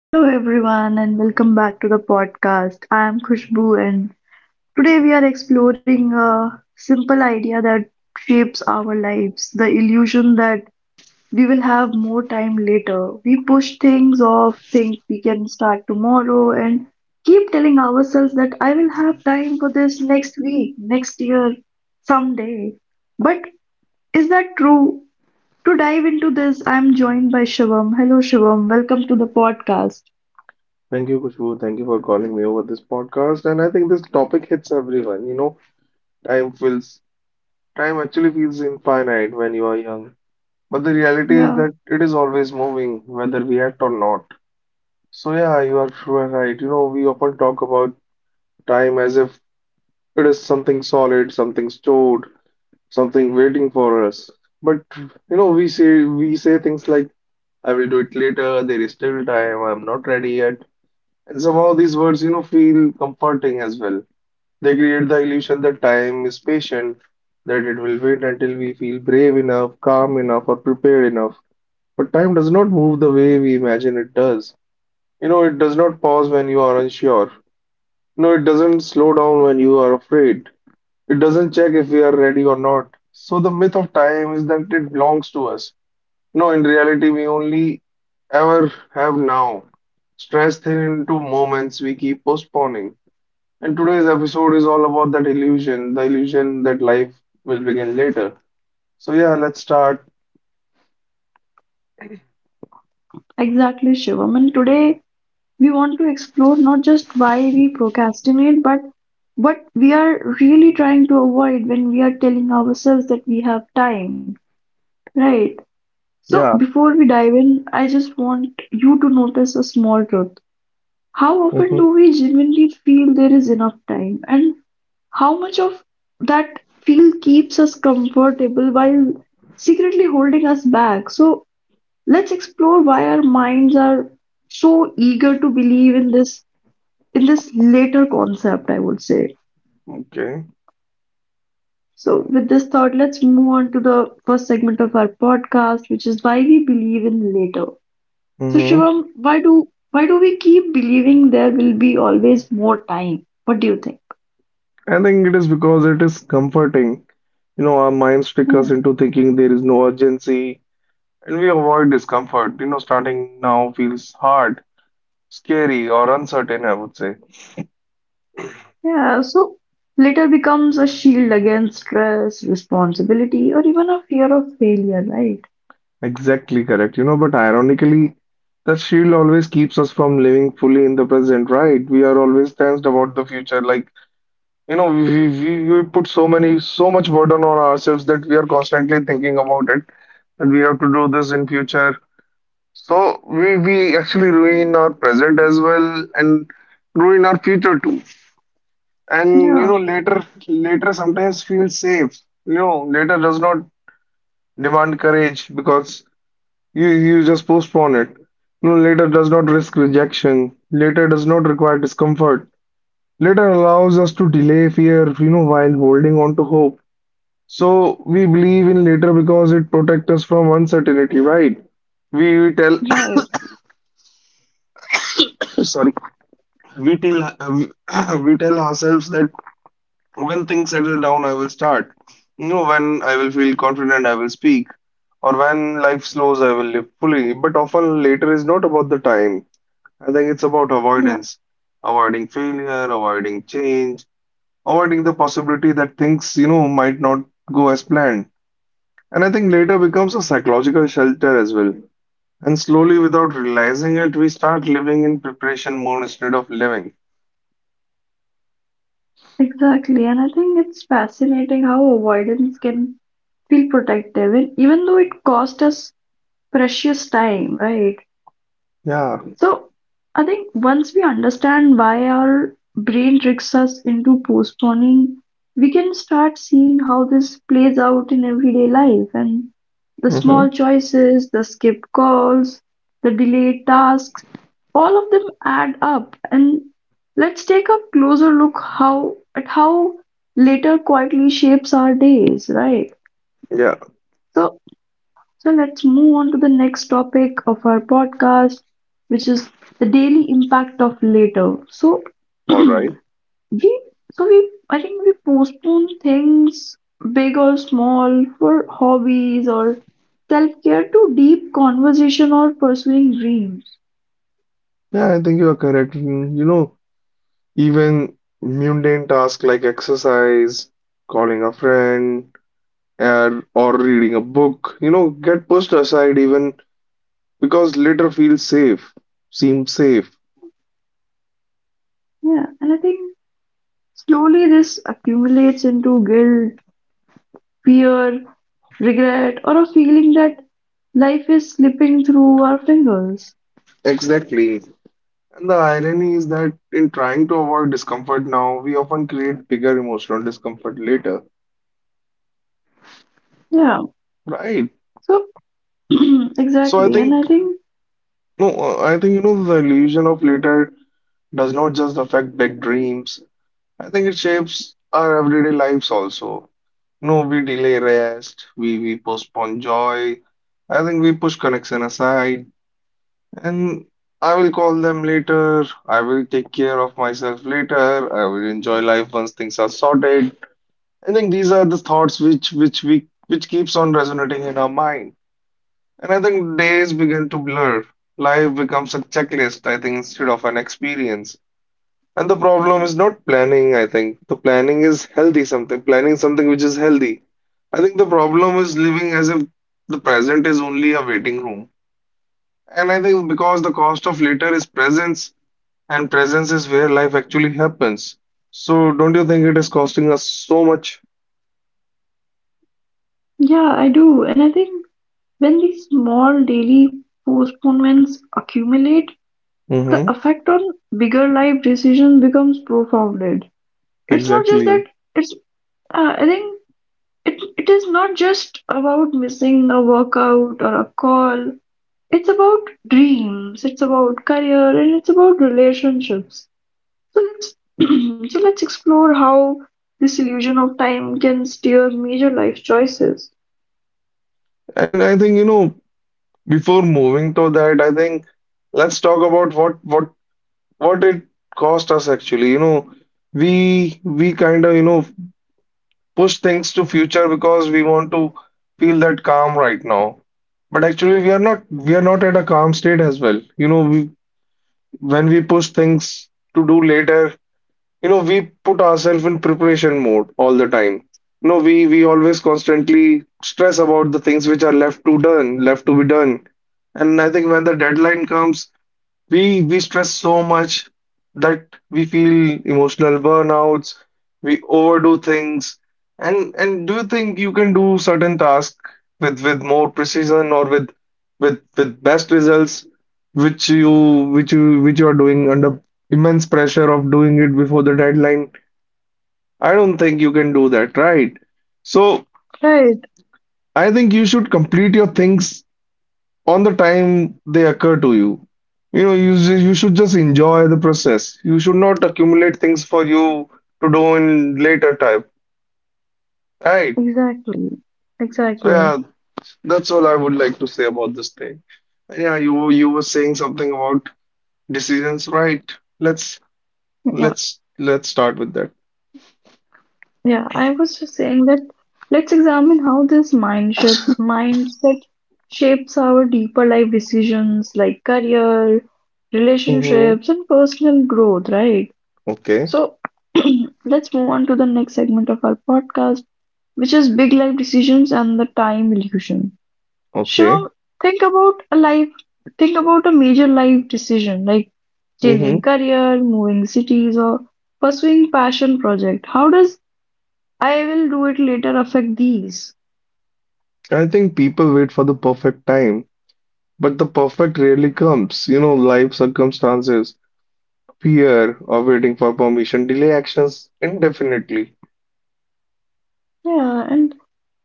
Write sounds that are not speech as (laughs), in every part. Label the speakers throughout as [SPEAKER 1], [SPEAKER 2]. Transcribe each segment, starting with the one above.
[SPEAKER 1] Hello everyone and welcome back to the podcast. I am Khushbu and today we are exploring a simple idea that shapes our lives, the illusion that we will have more time later. We push things off, think we can start tomorrow and keep telling ourselves that I will have time for this next week, next year, someday. But is that true? To dive into this, I am joined by Shivam. Hello Shivam, welcome to the podcast.
[SPEAKER 2] Thank you, Kushbu. Thank you for calling me over this podcast. And I think this topic hits everyone. You know, time feels, time actually feels infinite when you are young. But the reality is
[SPEAKER 1] Yeah.
[SPEAKER 2] that it is always moving, whether we act or not. So yeah, you are sure right. You know, we often talk about time as if it is something solid, something stored, something waiting for us. But you know, we say things like I will do it later. There is still time. I'm not ready yet. And somehow these words, you know, feel comforting as well. They create the illusion that time is patient, that it will wait until we feel brave enough, calm enough, or prepared enough. But time does not move the way we imagine it does. You know, it does not pause when you are unsure. No, it doesn't slow down when you are afraid. It doesn't check if we are ready or not. So the myth of time is that it belongs to us. No, in reality, we only ever have now, stressed thin into moments we keep postponing. And today's episode is all about that illusion, the illusion that life will begin later. So yeah, let's start.
[SPEAKER 1] Exactly, Shivam. And today we want to explore not just why we procrastinate, but what we are really trying to avoid when we are telling ourselves that we have time, right? So,
[SPEAKER 2] Yeah.
[SPEAKER 1] before we dive in, I just want you to notice a small truth. How often
[SPEAKER 2] Mm-hmm.
[SPEAKER 1] do we genuinely feel there is enough time? And how much of that feel keeps us comfortable while secretly holding us back? So, let's explore why our minds are so eager to believe in this later concept, I would say.
[SPEAKER 2] Okay.
[SPEAKER 1] So with this thought, let's move on to the first segment of our podcast, which is why we believe in later. So
[SPEAKER 2] Mm-hmm.
[SPEAKER 1] Shivam, why do we keep believing there will be always more time? What do you think?
[SPEAKER 2] I think it is because it is comforting. You know, our minds trick
[SPEAKER 1] Yeah.
[SPEAKER 2] us into thinking there is no urgency and we avoid discomfort. You know, starting now feels hard, scary, or uncertain, I would say.
[SPEAKER 1] Yeah, so later becomes a shield against stress, responsibility, or even a fear of failure, right?
[SPEAKER 2] Exactly correct. You know, but ironically, that shield always keeps us from living fully in the present, right? We are always tensed about the future, like you know, we put so much burden on ourselves that we are constantly thinking about it, and we have to do this in future. So we actually ruin our present as well and ruin our future too. And you
[SPEAKER 1] Yeah,
[SPEAKER 2] know, later sometimes feels safe. You know, later does not demand courage because you just postpone it. You know, later does not risk rejection. Later does not require discomfort. Later allows us to delay fear, you know, while holding on to hope. So we believe in later because it protects us from uncertainty, right? We tell,
[SPEAKER 1] right.
[SPEAKER 2] (coughs) sorry, we tell (coughs) we tell ourselves that when things settle down, I will start. You know, when I will feel confident, I will speak, or when life slows, I will live fully. But often later is not about the time. I think it's about avoidance, avoiding failure, avoiding change, avoiding the possibility that things, you know, might not go as planned. And I think later becomes a psychological shelter as well. And slowly, without realizing it, we start living in preparation mode instead of living.
[SPEAKER 1] Exactly, and I think it's fascinating how avoidance can feel protective, and even though it cost us precious time, right?
[SPEAKER 2] Yeah.
[SPEAKER 1] So I think once we understand why our brain tricks us into postponing, we can start seeing how this plays out in everyday life and the small
[SPEAKER 2] Mm-hmm.
[SPEAKER 1] choices, the skipped calls, the delayed tasks, all of them add up. And let's take a closer look how at how later quietly shapes our days, right?
[SPEAKER 2] Yeah,
[SPEAKER 1] So so let's move on to the next topic of our podcast, which is the daily impact of later. So (clears throat)
[SPEAKER 2] all
[SPEAKER 1] we,
[SPEAKER 2] right.
[SPEAKER 1] I think we postpone things, big or small, for hobbies or self-care to deep conversation or pursuing dreams.
[SPEAKER 2] Yeah, I think you are correct. You know, even mundane tasks like exercise, calling a friend, and or reading a book, you know, get pushed aside even because seems safe.
[SPEAKER 1] Yeah, and I think slowly this accumulates into guilt, fear, regret, or a feeling that life is slipping through our fingers.
[SPEAKER 2] Exactly. And the irony is that in trying to avoid discomfort now, we often create bigger emotional discomfort later.
[SPEAKER 1] Yeah.
[SPEAKER 2] Right.
[SPEAKER 1] So (clears throat)
[SPEAKER 2] So I
[SPEAKER 1] exactly. And I
[SPEAKER 2] think
[SPEAKER 1] think,
[SPEAKER 2] no, I think you know the illusion of later does not just affect big dreams. I think it shapes our everyday lives also. No, we delay rest, we postpone joy. I think we push connection aside, and I will call them later. I will take care of myself later. I will enjoy life once things are sorted. I think these are the thoughts which keeps on resonating in our mind. And I think days begin to blur. Life becomes a checklist, I think, instead of an experience. And the problem is not planning, I think. The planning is healthy something, planning something which is healthy. I think the problem is living as if the present is only a waiting room. And I think because the cost of later is presence, and presence is where life actually happens. So don't you think it is costing us so much?
[SPEAKER 1] yeah, I do. And I think when these small daily postponements accumulate, the
[SPEAKER 2] Mm-hmm.
[SPEAKER 1] effect on bigger life decisions becomes profounded. It's not just
[SPEAKER 2] Exactly.
[SPEAKER 1] that it's, I think it is not just about missing a workout or a call. It's about dreams, it's about career, and it's about relationships. So let's, (clears throat) so let's explore how this illusion of time can steer major life choices.
[SPEAKER 2] And I think, you know, before moving to that, I think let's talk about what it cost us actually. You know, we kind of, you know, push things to future because we want to feel that calm right now. But actually we are not at a calm state as well. You know, we when we push things to do later, you know we put ourselves in preparation mode all the time. You know we always constantly stress about the things which are left to be done. And I think when the deadline comes, we stress so much that we feel emotional burnouts, we overdo things. And do you think you can do certain tasks with more precision or with best results which you which you which you are doing under immense pressure of doing it before the deadline? I don't think you can do that, right? So
[SPEAKER 1] Right,
[SPEAKER 2] I think you should complete your things on the time they occur to you. You know, you should just enjoy the process. You should not accumulate things for you to do in later time, right?
[SPEAKER 1] exactly,
[SPEAKER 2] So
[SPEAKER 1] exactly.
[SPEAKER 2] yeah, that's all I would like to say about this thing. Yeah, you were saying something about decisions, right? Let's
[SPEAKER 1] Yeah,
[SPEAKER 2] let's start with that.
[SPEAKER 1] yeah. I was just saying that let's examine how this mindset shapes our deeper life decisions like career,
[SPEAKER 2] Hmm.
[SPEAKER 1] relationships, and personal growth, right?
[SPEAKER 2] Okay,
[SPEAKER 1] So (clears throat) let's move on to the next segment of our podcast, which is big life decisions and the time illusion.
[SPEAKER 2] okay.
[SPEAKER 1] Shivam, think about a life, think about a major life decision like changing
[SPEAKER 2] Hmm.
[SPEAKER 1] career, moving cities, or pursuing passion project. How does I will do it later affect these?
[SPEAKER 2] I think people wait for the perfect time, but the perfect rarely comes. You know, life circumstances fear of waiting for permission delay actions indefinitely.
[SPEAKER 1] Yeah, and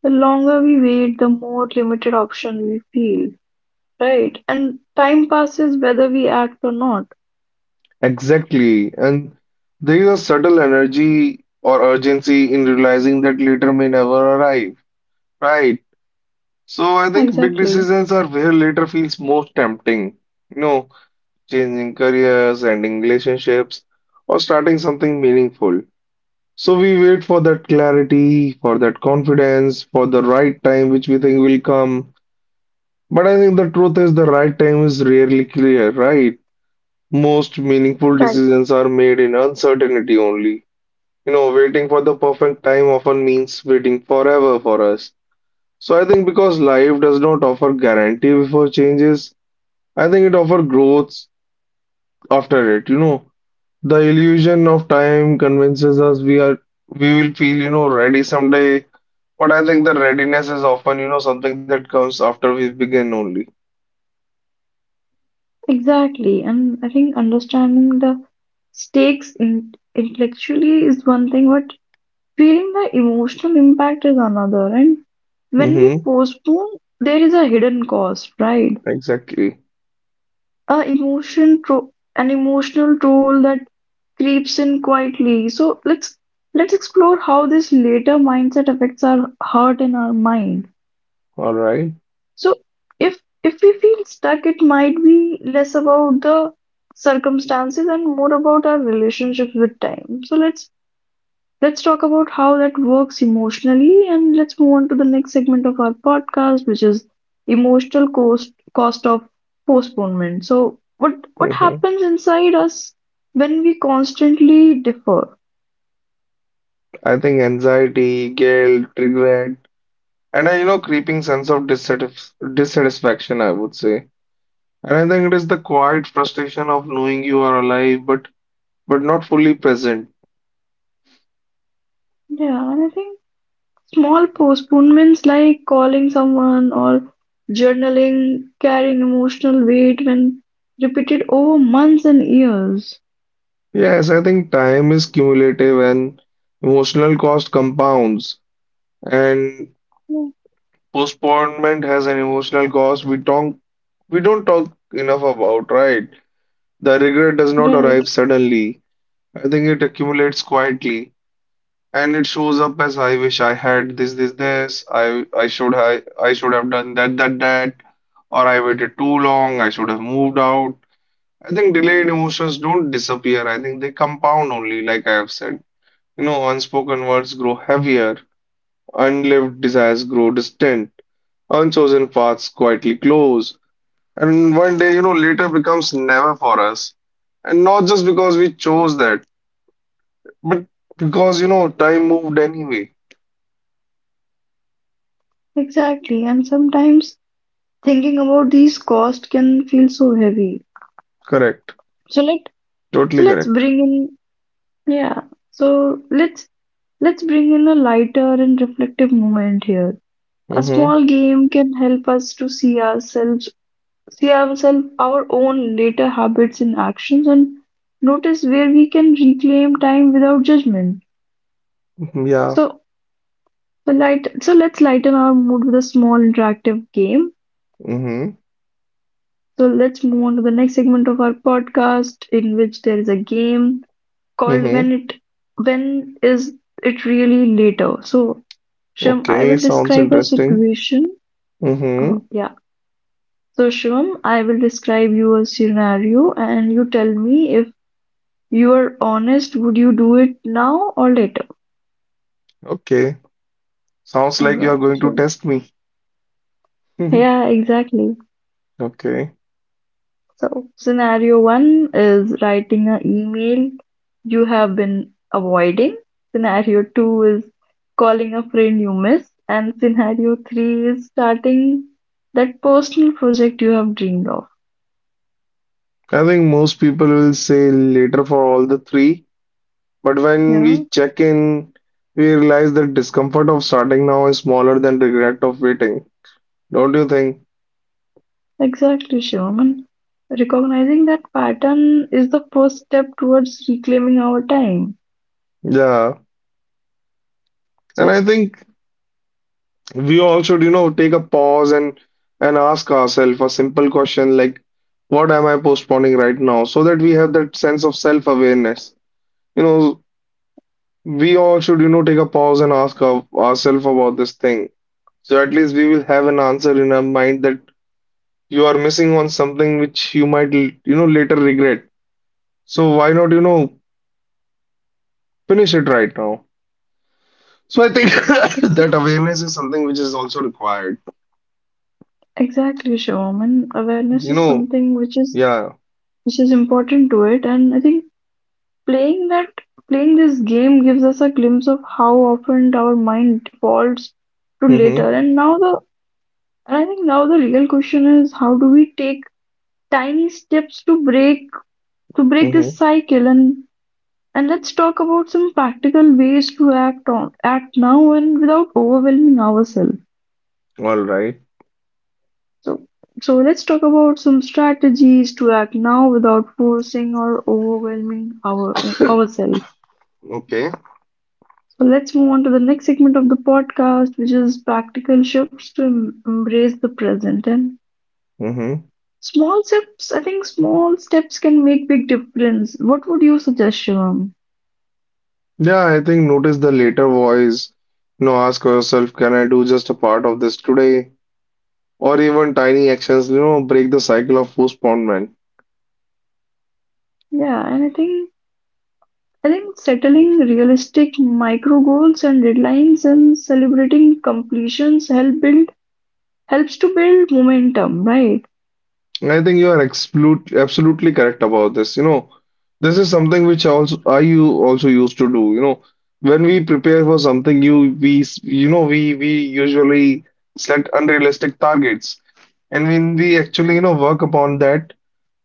[SPEAKER 1] the longer we wait, the more limited option we feel, right? And time passes whether we act or not.
[SPEAKER 2] Exactly. And there is a subtle energy or urgency in realizing that later may never arrive. Right. So I think big
[SPEAKER 1] Exactly.
[SPEAKER 2] decisions are where later feels most tempting. You know, changing careers, ending relationships, or starting something meaningful. So we wait for that clarity, for that confidence, for the right time which we think will come. But I think the truth is the right time is rarely clear, right? Most meaningful
[SPEAKER 1] Right.
[SPEAKER 2] decisions are made in uncertainty only. You know, waiting for the perfect time often means waiting forever for us. So I think because life does not offer guarantee before changes, I think it offers growth after it. You know, the illusion of time convinces us we will feel, you know, ready someday. But I think the readiness is often, you know, something that comes after we begin only.
[SPEAKER 1] Exactly. And I think understanding the stakes in intellectually is one thing, but feeling the emotional impact is another. And when we
[SPEAKER 2] Mm-hmm.
[SPEAKER 1] postpone, there is a hidden cost, right?
[SPEAKER 2] Exactly.
[SPEAKER 1] A emotion tro an emotional toll that creeps in quietly. Let's explore how this later mindset affects our heart and our mind.
[SPEAKER 2] All right.
[SPEAKER 1] So if we feel stuck, it might be less about the circumstances and more about our relationships with time. Let's talk about how that works emotionally and let's move on to the next segment of our podcast which is emotional cost of postponement. So what what
[SPEAKER 2] Mm-hmm.
[SPEAKER 1] happens inside us when we constantly defer?
[SPEAKER 2] I think anxiety, guilt, regret, and a you know creeping sense of dissatisfaction, I would say. And I think it is the quiet frustration of knowing you are alive but not fully present.
[SPEAKER 1] Yeah, and I think small postponements like calling someone or journaling carrying emotional weight when repeated over months and years.
[SPEAKER 2] Yes, I think time is cumulative and emotional cost compounds and
[SPEAKER 1] Yeah,
[SPEAKER 2] postponement has an emotional cost we don't talk enough about, right? The regret does not
[SPEAKER 1] right,
[SPEAKER 2] arrive suddenly. I think it accumulates quietly. And it shows up as I wish I had this, this, this. I should have done that, that, that, or I waited too long. I should have moved out. I think delayed emotions don't disappear. I think they compound only, like I have said. You know, unspoken words grow heavier, unlived desires grow distant, unchosen paths quietly close, and one day, you know, later becomes never for us. And not just because we chose that, but because, you know, time moved anyway.
[SPEAKER 1] exactly. And sometimes thinking about these costs can feel so heavy.
[SPEAKER 2] Correct.
[SPEAKER 1] So let so
[SPEAKER 2] Totally
[SPEAKER 1] let's
[SPEAKER 2] correct.
[SPEAKER 1] bring in yeah. So let's bring in a lighter and reflective moment here. A
[SPEAKER 2] Mm-hmm.
[SPEAKER 1] small game can help us to see ourselves our own later habits and actions and notice where we can reclaim time without judgment.
[SPEAKER 2] Yeah.
[SPEAKER 1] So so let's lighten our mood with a small interactive game.
[SPEAKER 2] Mm-hmm.
[SPEAKER 1] So let's move on to the next segment of our podcast in which there is a game called
[SPEAKER 2] Mm-hmm.
[SPEAKER 1] When Is It Really Later? So, Shivam, I
[SPEAKER 2] Okay.
[SPEAKER 1] will
[SPEAKER 2] Sounds
[SPEAKER 1] describe a
[SPEAKER 2] interesting.
[SPEAKER 1] situation. Uh,
[SPEAKER 2] Mm-hmm.
[SPEAKER 1] yeah. So, Shivam, I will describe you a scenario and you tell me if you are honest, would you do it now or later?
[SPEAKER 2] Okay. Sounds
[SPEAKER 1] All
[SPEAKER 2] like you are
[SPEAKER 1] right.
[SPEAKER 2] going to
[SPEAKER 1] So,
[SPEAKER 2] test me.
[SPEAKER 1] yeah,
[SPEAKER 2] (laughs)
[SPEAKER 1] exactly.
[SPEAKER 2] Okay.
[SPEAKER 1] So, scenario one is writing an email you have been avoiding. Scenario two is calling a friend you miss. And scenario three is starting that personal project you have dreamed of.
[SPEAKER 2] I think most people will say later for all the three, but when
[SPEAKER 1] Yeah,
[SPEAKER 2] we check in, we realize that discomfort of starting now is smaller than regret of waiting. Don't you think?
[SPEAKER 1] exactly, Shivam. And recognizing that pattern is the first step towards reclaiming our time.
[SPEAKER 2] Yeah. And I
[SPEAKER 1] So,
[SPEAKER 2] think we all should, you know, take a pause and ask ourselves a simple question like, what am I postponing right now? So that we have that sense of self-awareness. You know, we all should, you know, take a pause and ask ourselves about this thing. So at least we will have an answer in our mind that you are missing on something which you might, you know, later regret. So why not, you know, finish it right now? So I think (laughs)
[SPEAKER 1] ex-
[SPEAKER 2] that awareness is something which is also required.
[SPEAKER 1] exactly, Shivam. And awareness
[SPEAKER 2] You
[SPEAKER 1] is
[SPEAKER 2] know,
[SPEAKER 1] something
[SPEAKER 2] yeah.
[SPEAKER 1] which is important to it. And I think Playing that, playing this game gives us a glimpse of how often our mind defaults to
[SPEAKER 2] Mm-hmm.
[SPEAKER 1] later and I think now the real question is how do we take tiny steps to break this
[SPEAKER 2] Mm-hmm.
[SPEAKER 1] cycle and let's talk about some practical ways to act now and without overwhelming ourselves.
[SPEAKER 2] All right.
[SPEAKER 1] So let's talk about some strategies to act now without forcing or overwhelming ourselves.
[SPEAKER 2] Okay.
[SPEAKER 1] So let's move on to the next segment of the podcast, which is practical shifts to embrace the present and
[SPEAKER 2] Hmm.
[SPEAKER 1] small steps. I think small steps can make big difference. What would you suggest, Shivam?
[SPEAKER 2] Yeah, I think notice the later voice. You know, ask yourself, can I do just a part of this today? Or even tiny actions, you know, break the cycle of postponement.
[SPEAKER 1] Yeah, and I think settling realistic micro goals and deadlines and celebrating completions helps to build momentum, right?
[SPEAKER 2] I think you are absolutely correct about this. You know, this is something which also I you also used to do. You know, when we prepare for something, you know we usually set unrealistic targets, and when we actually you know work upon that,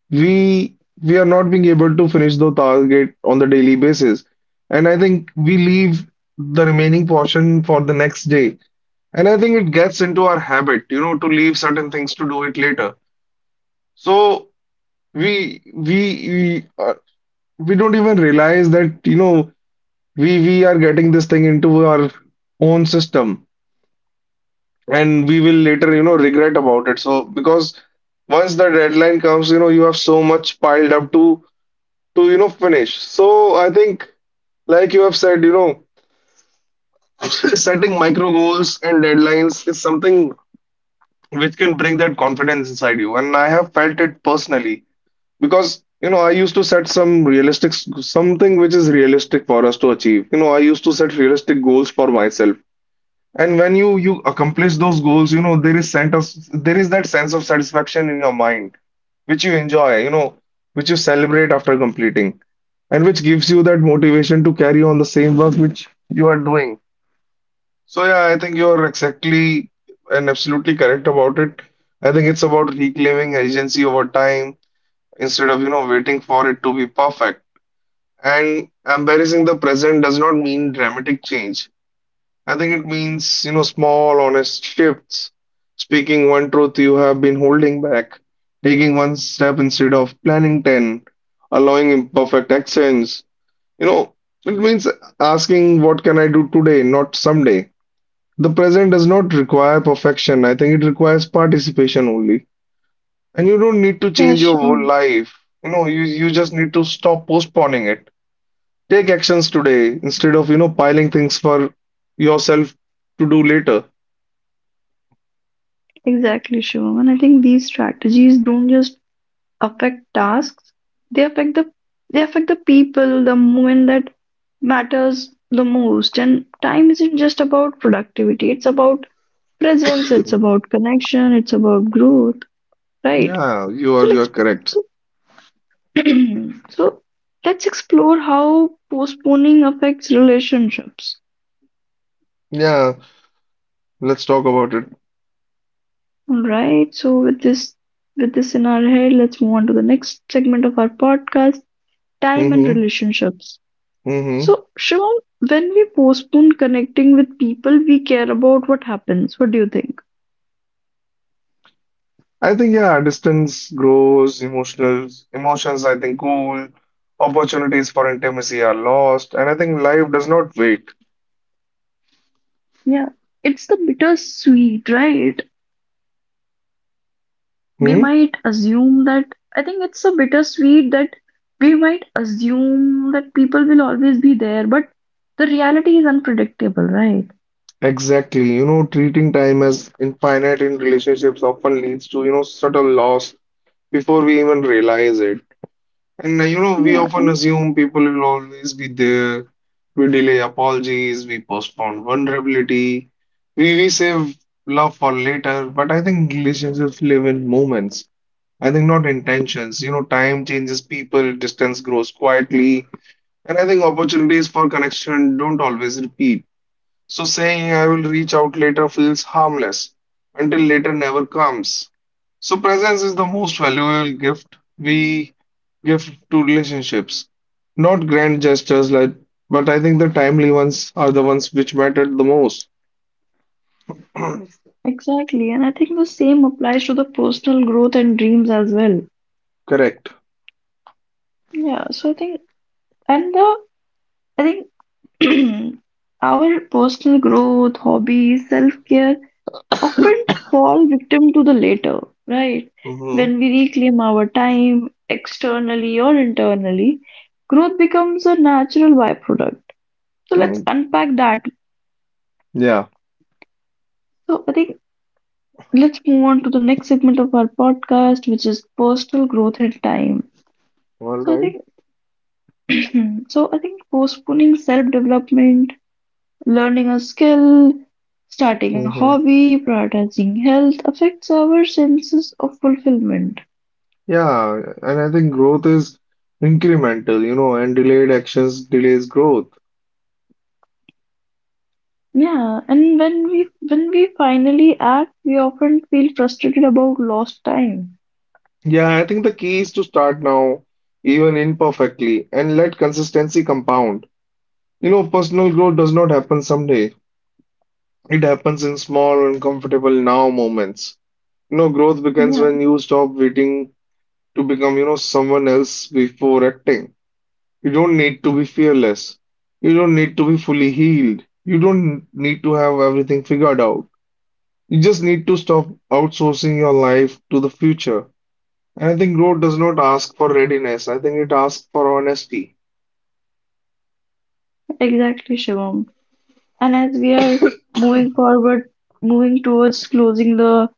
[SPEAKER 2] we are not being able to finish the target on the daily basis. And I think we leave the remaining portion for the next day. And I think it gets into our habit, you know, to leave certain things to do it later. So we we don't even realize that, you know, we are getting this thing into our own system, and we will later, you know, regret about it. So because once the deadline comes, you know, you have so much piled up to finish. So I think, like you have said, you know, (laughs) setting micro goals and deadlines is something which can bring that confidence inside you. And I have felt it personally because you know I used to set something which is realistic for us to achieve. You know, I used to set realistic goals for myself. And when you accomplish those goals, you know, there is that sense of satisfaction in your mind which you enjoy, you know, which you celebrate after completing, and which gives you that motivation to carry on the same work which you are doing. So yeah, I think you're exactly and absolutely correct about it. I think it's about reclaiming agency over time instead of, you know, waiting for it to be perfect. And embracing the present does not mean dramatic change. I think it means, you know, small, honest shifts, speaking one truth you have been holding back, taking one step instead of planning 10, allowing imperfect actions, you know, it means asking, what can I do today, not someday? The present does not require perfection. I think it requires participation only. And you don't need to
[SPEAKER 1] Yeah,
[SPEAKER 2] change your whole
[SPEAKER 1] Shivam.
[SPEAKER 2] life. You know, you just need to stop postponing it. Take actions today instead of, you know, piling things for yourself to do later.
[SPEAKER 1] Exactly, Shivam. And I think these strategies don't just affect tasks. They affect the they affect the people, the moment that matters the most. And time isn't just about productivity. It's about presence. It's about connection. It's about growth. Right.
[SPEAKER 2] Yeah, you
[SPEAKER 1] So
[SPEAKER 2] are
[SPEAKER 1] like
[SPEAKER 2] you're correct.
[SPEAKER 1] so (clears throat) so let's explore how postponing affects relationships.
[SPEAKER 2] Yeah, let's talk about it.
[SPEAKER 1] All right. So with this in our head, let's move on to the next segment of our podcast, time and
[SPEAKER 2] Mm-hmm.
[SPEAKER 1] relationships.
[SPEAKER 2] Mm-hmm.
[SPEAKER 1] So, Shivam, when we postpone connecting with people we care about, what happens? What do you think?
[SPEAKER 2] I think yeah, distance grows, emotional emotions I think cool, opportunities for intimacy are lost, and I think life does not wait.
[SPEAKER 1] Yeah, it's the bittersweet, right? We
[SPEAKER 2] Hmm?
[SPEAKER 1] might assume that, I think it's a bittersweet that we might assume that people will always be there, but the reality is unpredictable, right?
[SPEAKER 2] Exactly. You know, treating time as infinite in relationships often leads to, you know, subtle loss before we even realize it. And you know, we
[SPEAKER 1] Yeah,
[SPEAKER 2] often
[SPEAKER 1] and
[SPEAKER 2] assume people will always be there. We delay apologies, we postpone vulnerability, we save love for later, but I think relationships live in moments. I think not intentions. You know, time changes people, distance grows quietly, and I think opportunities for connection don't always repeat. So saying I will reach out later feels harmless until later never comes. So presence is the most valuable gift we give to relationships. Not grand gestures like but I think the timely ones are the ones which matter the most. (clears throat)
[SPEAKER 1] exactly. And I think the same applies to the personal growth and dreams as well.
[SPEAKER 2] Correct.
[SPEAKER 1] Yeah, so I think, and the, I think (clears throat) our personal growth, hobbies, self-care often fall victim to the latter, right?
[SPEAKER 2] Mm-hmm.
[SPEAKER 1] When we reclaim our time externally or internally, growth becomes a natural byproduct. So let's unpack that.
[SPEAKER 2] Yeah.
[SPEAKER 1] So I think let's move on to the next segment of our podcast, which is personal growth and time.
[SPEAKER 2] All
[SPEAKER 1] So I think (clears throat) so I think postponing self-development, learning a skill, starting a
[SPEAKER 2] right.
[SPEAKER 1] hobby, prioritizing health affects our senses of fulfillment.
[SPEAKER 2] Yeah, and I think growth is incremental, you know, and delayed actions delays growth.
[SPEAKER 1] Yeah, and when we finally act, we often feel frustrated about lost time.
[SPEAKER 2] Yeah, I think the key is to start now, even imperfectly, and let consistency compound. You know, personal growth does not happen someday. It happens in small, uncomfortable now moments. You know, growth begins
[SPEAKER 1] Yeah,
[SPEAKER 2] when you stop waiting to become, you know, someone else before acting. You don't need to be fearless. You don't need to be fully healed. You don't need to have everything figured out. You just need to stop outsourcing your life to the future. And I think growth does not ask for readiness. I think it asks for honesty.
[SPEAKER 1] exactly, Shivam. And as we are moving forward, moving towards closing the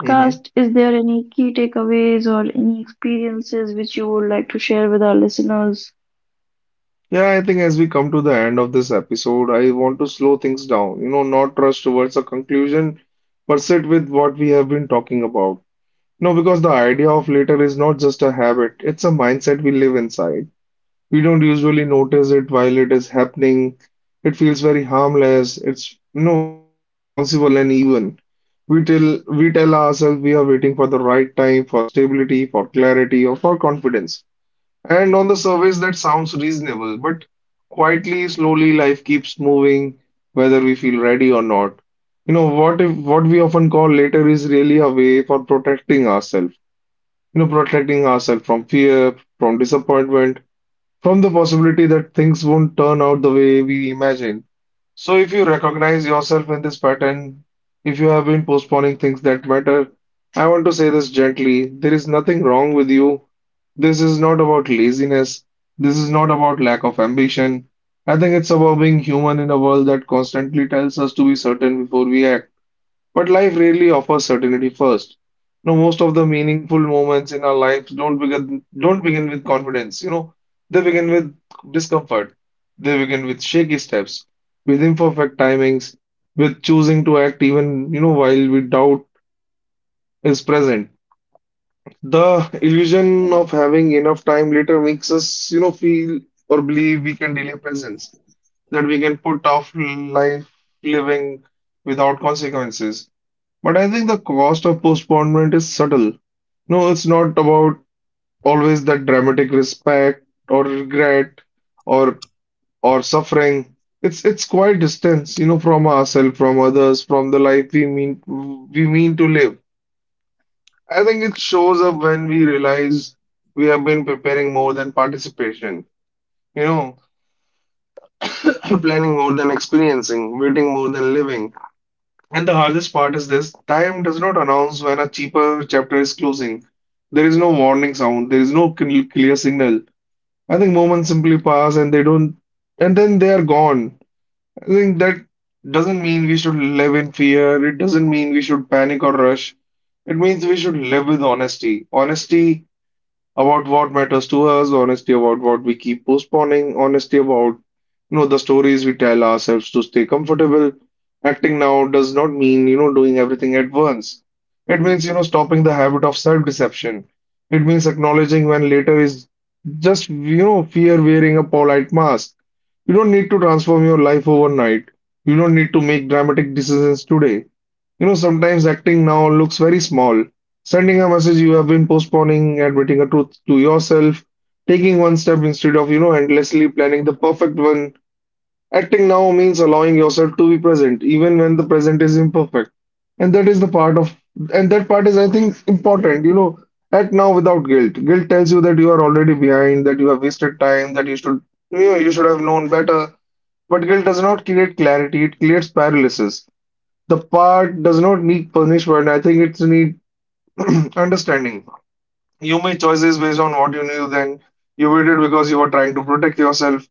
[SPEAKER 2] Hmm.
[SPEAKER 1] is there any key takeaways or any experiences which you would like to share with our listeners?
[SPEAKER 2] Yeah, I think as we come to the end of this episode, I want to slow things down, you know, not rush towards a conclusion, but sit with what we have been talking about. No, because the idea of later is not just a habit, it's a mindset we live inside. We don't usually notice it while it is happening. It feels very harmless. It's, you know, feels responsible and even. We tell ourselves we are waiting for the right time, for stability, for clarity, or for confidence. And on the surface, that sounds reasonable, but quietly, slowly, life keeps moving, whether we feel ready or not. You know, what if what we often call later is really a way for protecting ourselves, you know, protecting ourselves from fear, from disappointment, from the possibility that things won't turn out the way we imagine. So, if you recognize yourself in this pattern, if you have been postponing things that matter, I want to say this gently. There is nothing wrong with you. This is not about laziness. This is not about lack of ambition. I think it's about being human in a world that constantly tells us to be certain before we act. But life rarely offers certainty first. You know, most of the meaningful moments in our lives don't begin with confidence. You know, they begin with discomfort. They begin with shaky steps, with imperfect timings, with choosing to act even, you know, while we doubt is present. The illusion of having enough time later makes us, you know, feel or believe we can delay presence, that we can put off life living without consequences. But I think the cost of postponement is subtle. No, it's not about always that dramatic respect or regret or or suffering. It's quite distance, you know, from ourselves, from others, from the life we mean to live. I think it shows up when we realize we have been preparing more than participation, you know, (clears throat) planning more than experiencing, waiting more than living. And the hardest part is this: time does not announce when a cheaper chapter is closing. There is no warning sound, there is no clear signal. I think moments simply pass and they don't, and then they are gone. I think that doesn't mean we should live in fear, it doesn't mean we should panic or rush. It means we should live with honesty. Honesty about what matters to us, honesty about what we keep postponing, honesty about you know the stories we tell ourselves to stay comfortable. Acting now does not mean you know doing everything at once. It means you know stopping the habit of self-deception. It means acknowledging when later is just you know fear wearing a polite mask. You don't need to transform your life overnight. You don't need to make dramatic decisions today. You know, sometimes acting now looks very small, sending a message you have been postponing, admitting a truth to yourself, taking one step instead of, you know, endlessly planning the perfect one. Acting now means allowing yourself to be present, even when the present is imperfect. And that is the part of, and that part is, I think, important, you know, act now without guilt. Guilt tells you that you are already behind, that you have wasted time, that you should, you know, you should have known better. But guilt does not create clarity, it creates paralysis. The part does not need punishment, I think it needs (clears throat) understanding. You made choices based on what you knew then. You waited because you were trying to protect yourself.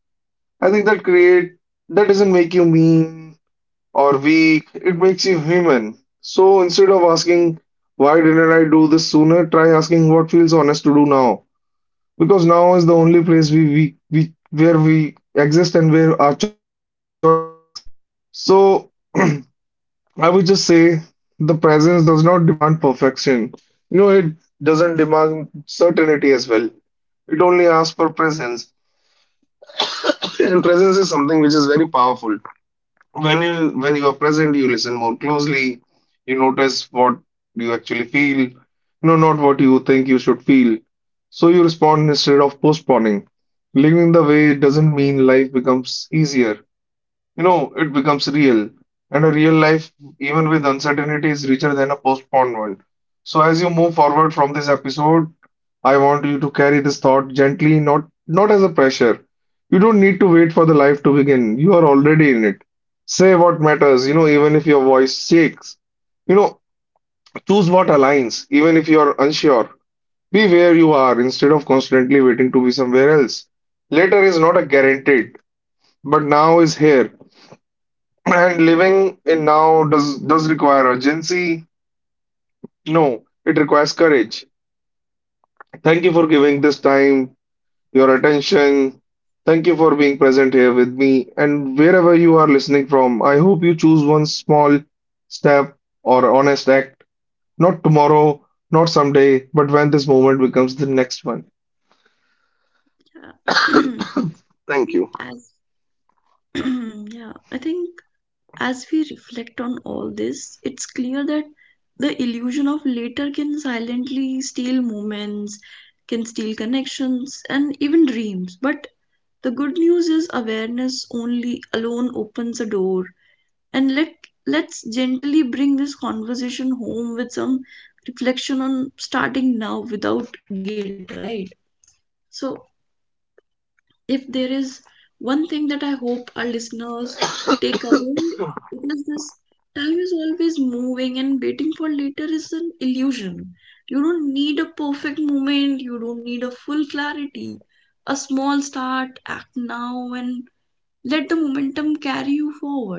[SPEAKER 2] I think that doesn't make you mean or weak. It makes you human. So instead of asking why didn't I do this sooner, try asking what feels honest to do now. Because now is the only place we where we exist and where our choices exist. So (clears throat) I would just say the presence does not demand perfection. You know, it doesn't demand certainty as well. It only asks for presence. And presence is something which is very powerful. When you are present, you listen more closely, you notice what you actually feel, no, not what you think you should feel. So you respond instead of postponing. Living the way doesn't mean life becomes easier. You know, it becomes real, and a real life, even with uncertainty, is richer than a postponed one. So, as you move forward from this episode, I want you to carry this thought gently, not as a pressure. You don't need to wait for the life to begin. You are already in it. Say what matters, you know, even if your voice shakes. You know, choose what aligns, even if you are unsure. Be where you are instead of constantly waiting to be somewhere else. Later is not a guaranteed, but now is here. And living in now does require urgency? No, it requires courage. Thank you for giving this time, your attention. Thank you for being present here with me. And wherever you are listening from, I hope you choose one small step or honest act, not tomorrow, not someday, but when this moment becomes the next one.
[SPEAKER 1] Yeah. (clears throat) I think as (clears throat) yeah, I think as we reflect on all this, it's clear that the illusion of later can silently steal moments, can steal connections, and even dreams. But the good news is awareness only alone opens a door. And let let's gently bring this conversation home with some reflection on starting now without guilt, right? So if there is one thing that I hope our listeners take away, it is this: time is always moving and waiting for later is an illusion. You don't need a perfect moment, you don't need a full clarity. A small start, act now, and let the momentum carry you forward. And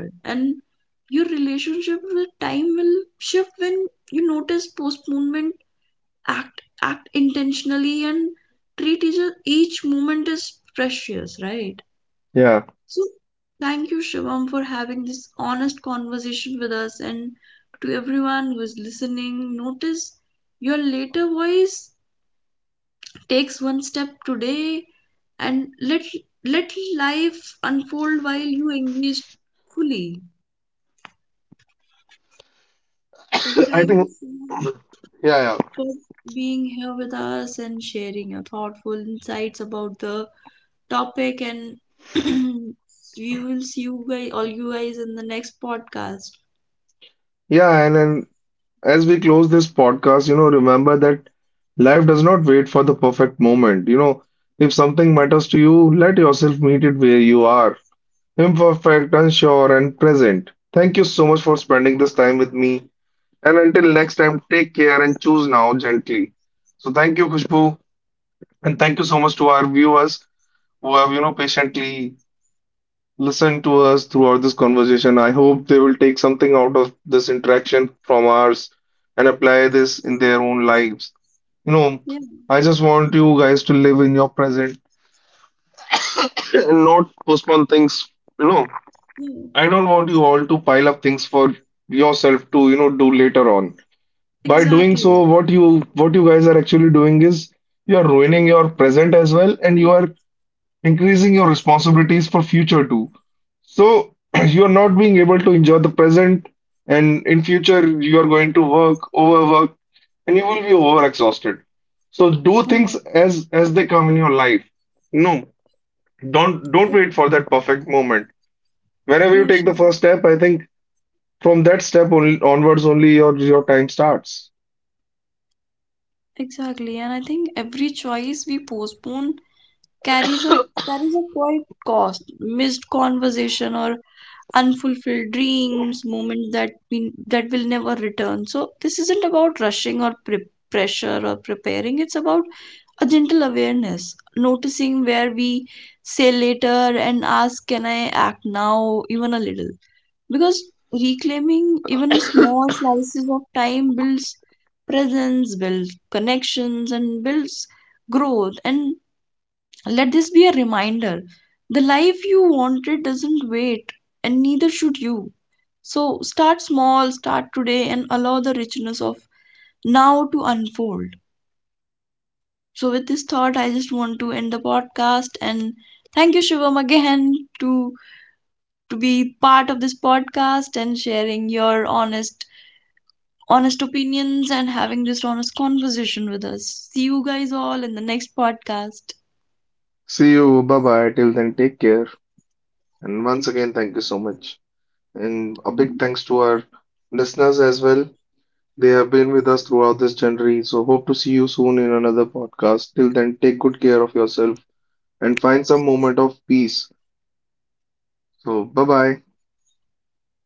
[SPEAKER 1] your relationship with time will shift when you notice postponement, act intentionally and treat each moment as precious, right? So
[SPEAKER 2] Yeah.
[SPEAKER 1] thank you Shivam for having this honest conversation with us and to everyone who is listening, notice your later voice, takes one step today and let life unfold while you engage fully. So thank you Shivam
[SPEAKER 2] I think,
[SPEAKER 1] for
[SPEAKER 2] yeah, yeah.
[SPEAKER 1] being here with us and sharing your thoughtful insights about the topic and (clears throat) we will see you guys in the next podcast.
[SPEAKER 2] Yeah, and then as we close this podcast, you know, remember that life does not wait for the perfect moment. You know, if something matters to you, let yourself meet it where you are, imperfect, unsure, and present. Thank you so much for spending this time with me. And until next time, take care and choose now gently. So thank you, Khushbu, and thank you so much to our viewers who have, you know, patiently listen to us throughout this conversation. I hope they will take something out of this interaction from ours and apply this in their own lives.
[SPEAKER 1] Yeah,
[SPEAKER 2] You know, I just want you guys to live in your present and not postpone things.
[SPEAKER 1] yeah,
[SPEAKER 2] You know, I don't want you all to pile up things for yourself to, you know, do later on.
[SPEAKER 1] exactly.
[SPEAKER 2] By doing so, what you guys are actually doing is you are ruining your present as well, and you are increasing your responsibilities for future too. So (clears throat) you're not being able to enjoy the present, and in future you are going to work, overwork, and you will be overexhausted.
[SPEAKER 1] Yeah,
[SPEAKER 2] So do things as they come in your life. No,
[SPEAKER 1] I-
[SPEAKER 2] don't wait for that perfect moment.
[SPEAKER 1] yeah, sure.
[SPEAKER 2] Whenever you take the first step, I think from that step only onwards only your time starts.
[SPEAKER 1] Exactly. And I think every choice we postpone carries a carries a quite cost, missed conversation or unfulfilled dreams, moments that will never return. So this isn't about rushing or pressure or preparing. It's about a gentle awareness, noticing where we say later and ask, can I act now, even a little? Because reclaiming even small slices of time builds presence, builds connections, and builds growth. And let this be a reminder: the life you wanted doesn't wait, and neither should you. So start small, start today, and allow the richness of now to unfold. So, with this thought, I just want to end the podcast and thank you, Shivam, again to to be part of this podcast and sharing your honest opinions and having this honest conversation with us. See you guys all in the next podcast.
[SPEAKER 2] See you. Bye bye. Till then, take care.
[SPEAKER 1] Take-
[SPEAKER 2] And once again, thank you so much.
[SPEAKER 1] care.
[SPEAKER 2] And a big thanks to our listeners as well. They have been with us throughout this journey. So, hope to see you soon in another podcast. Till then, take good care of yourself and find some moment of peace. So, bye bye.
[SPEAKER 1] Bye.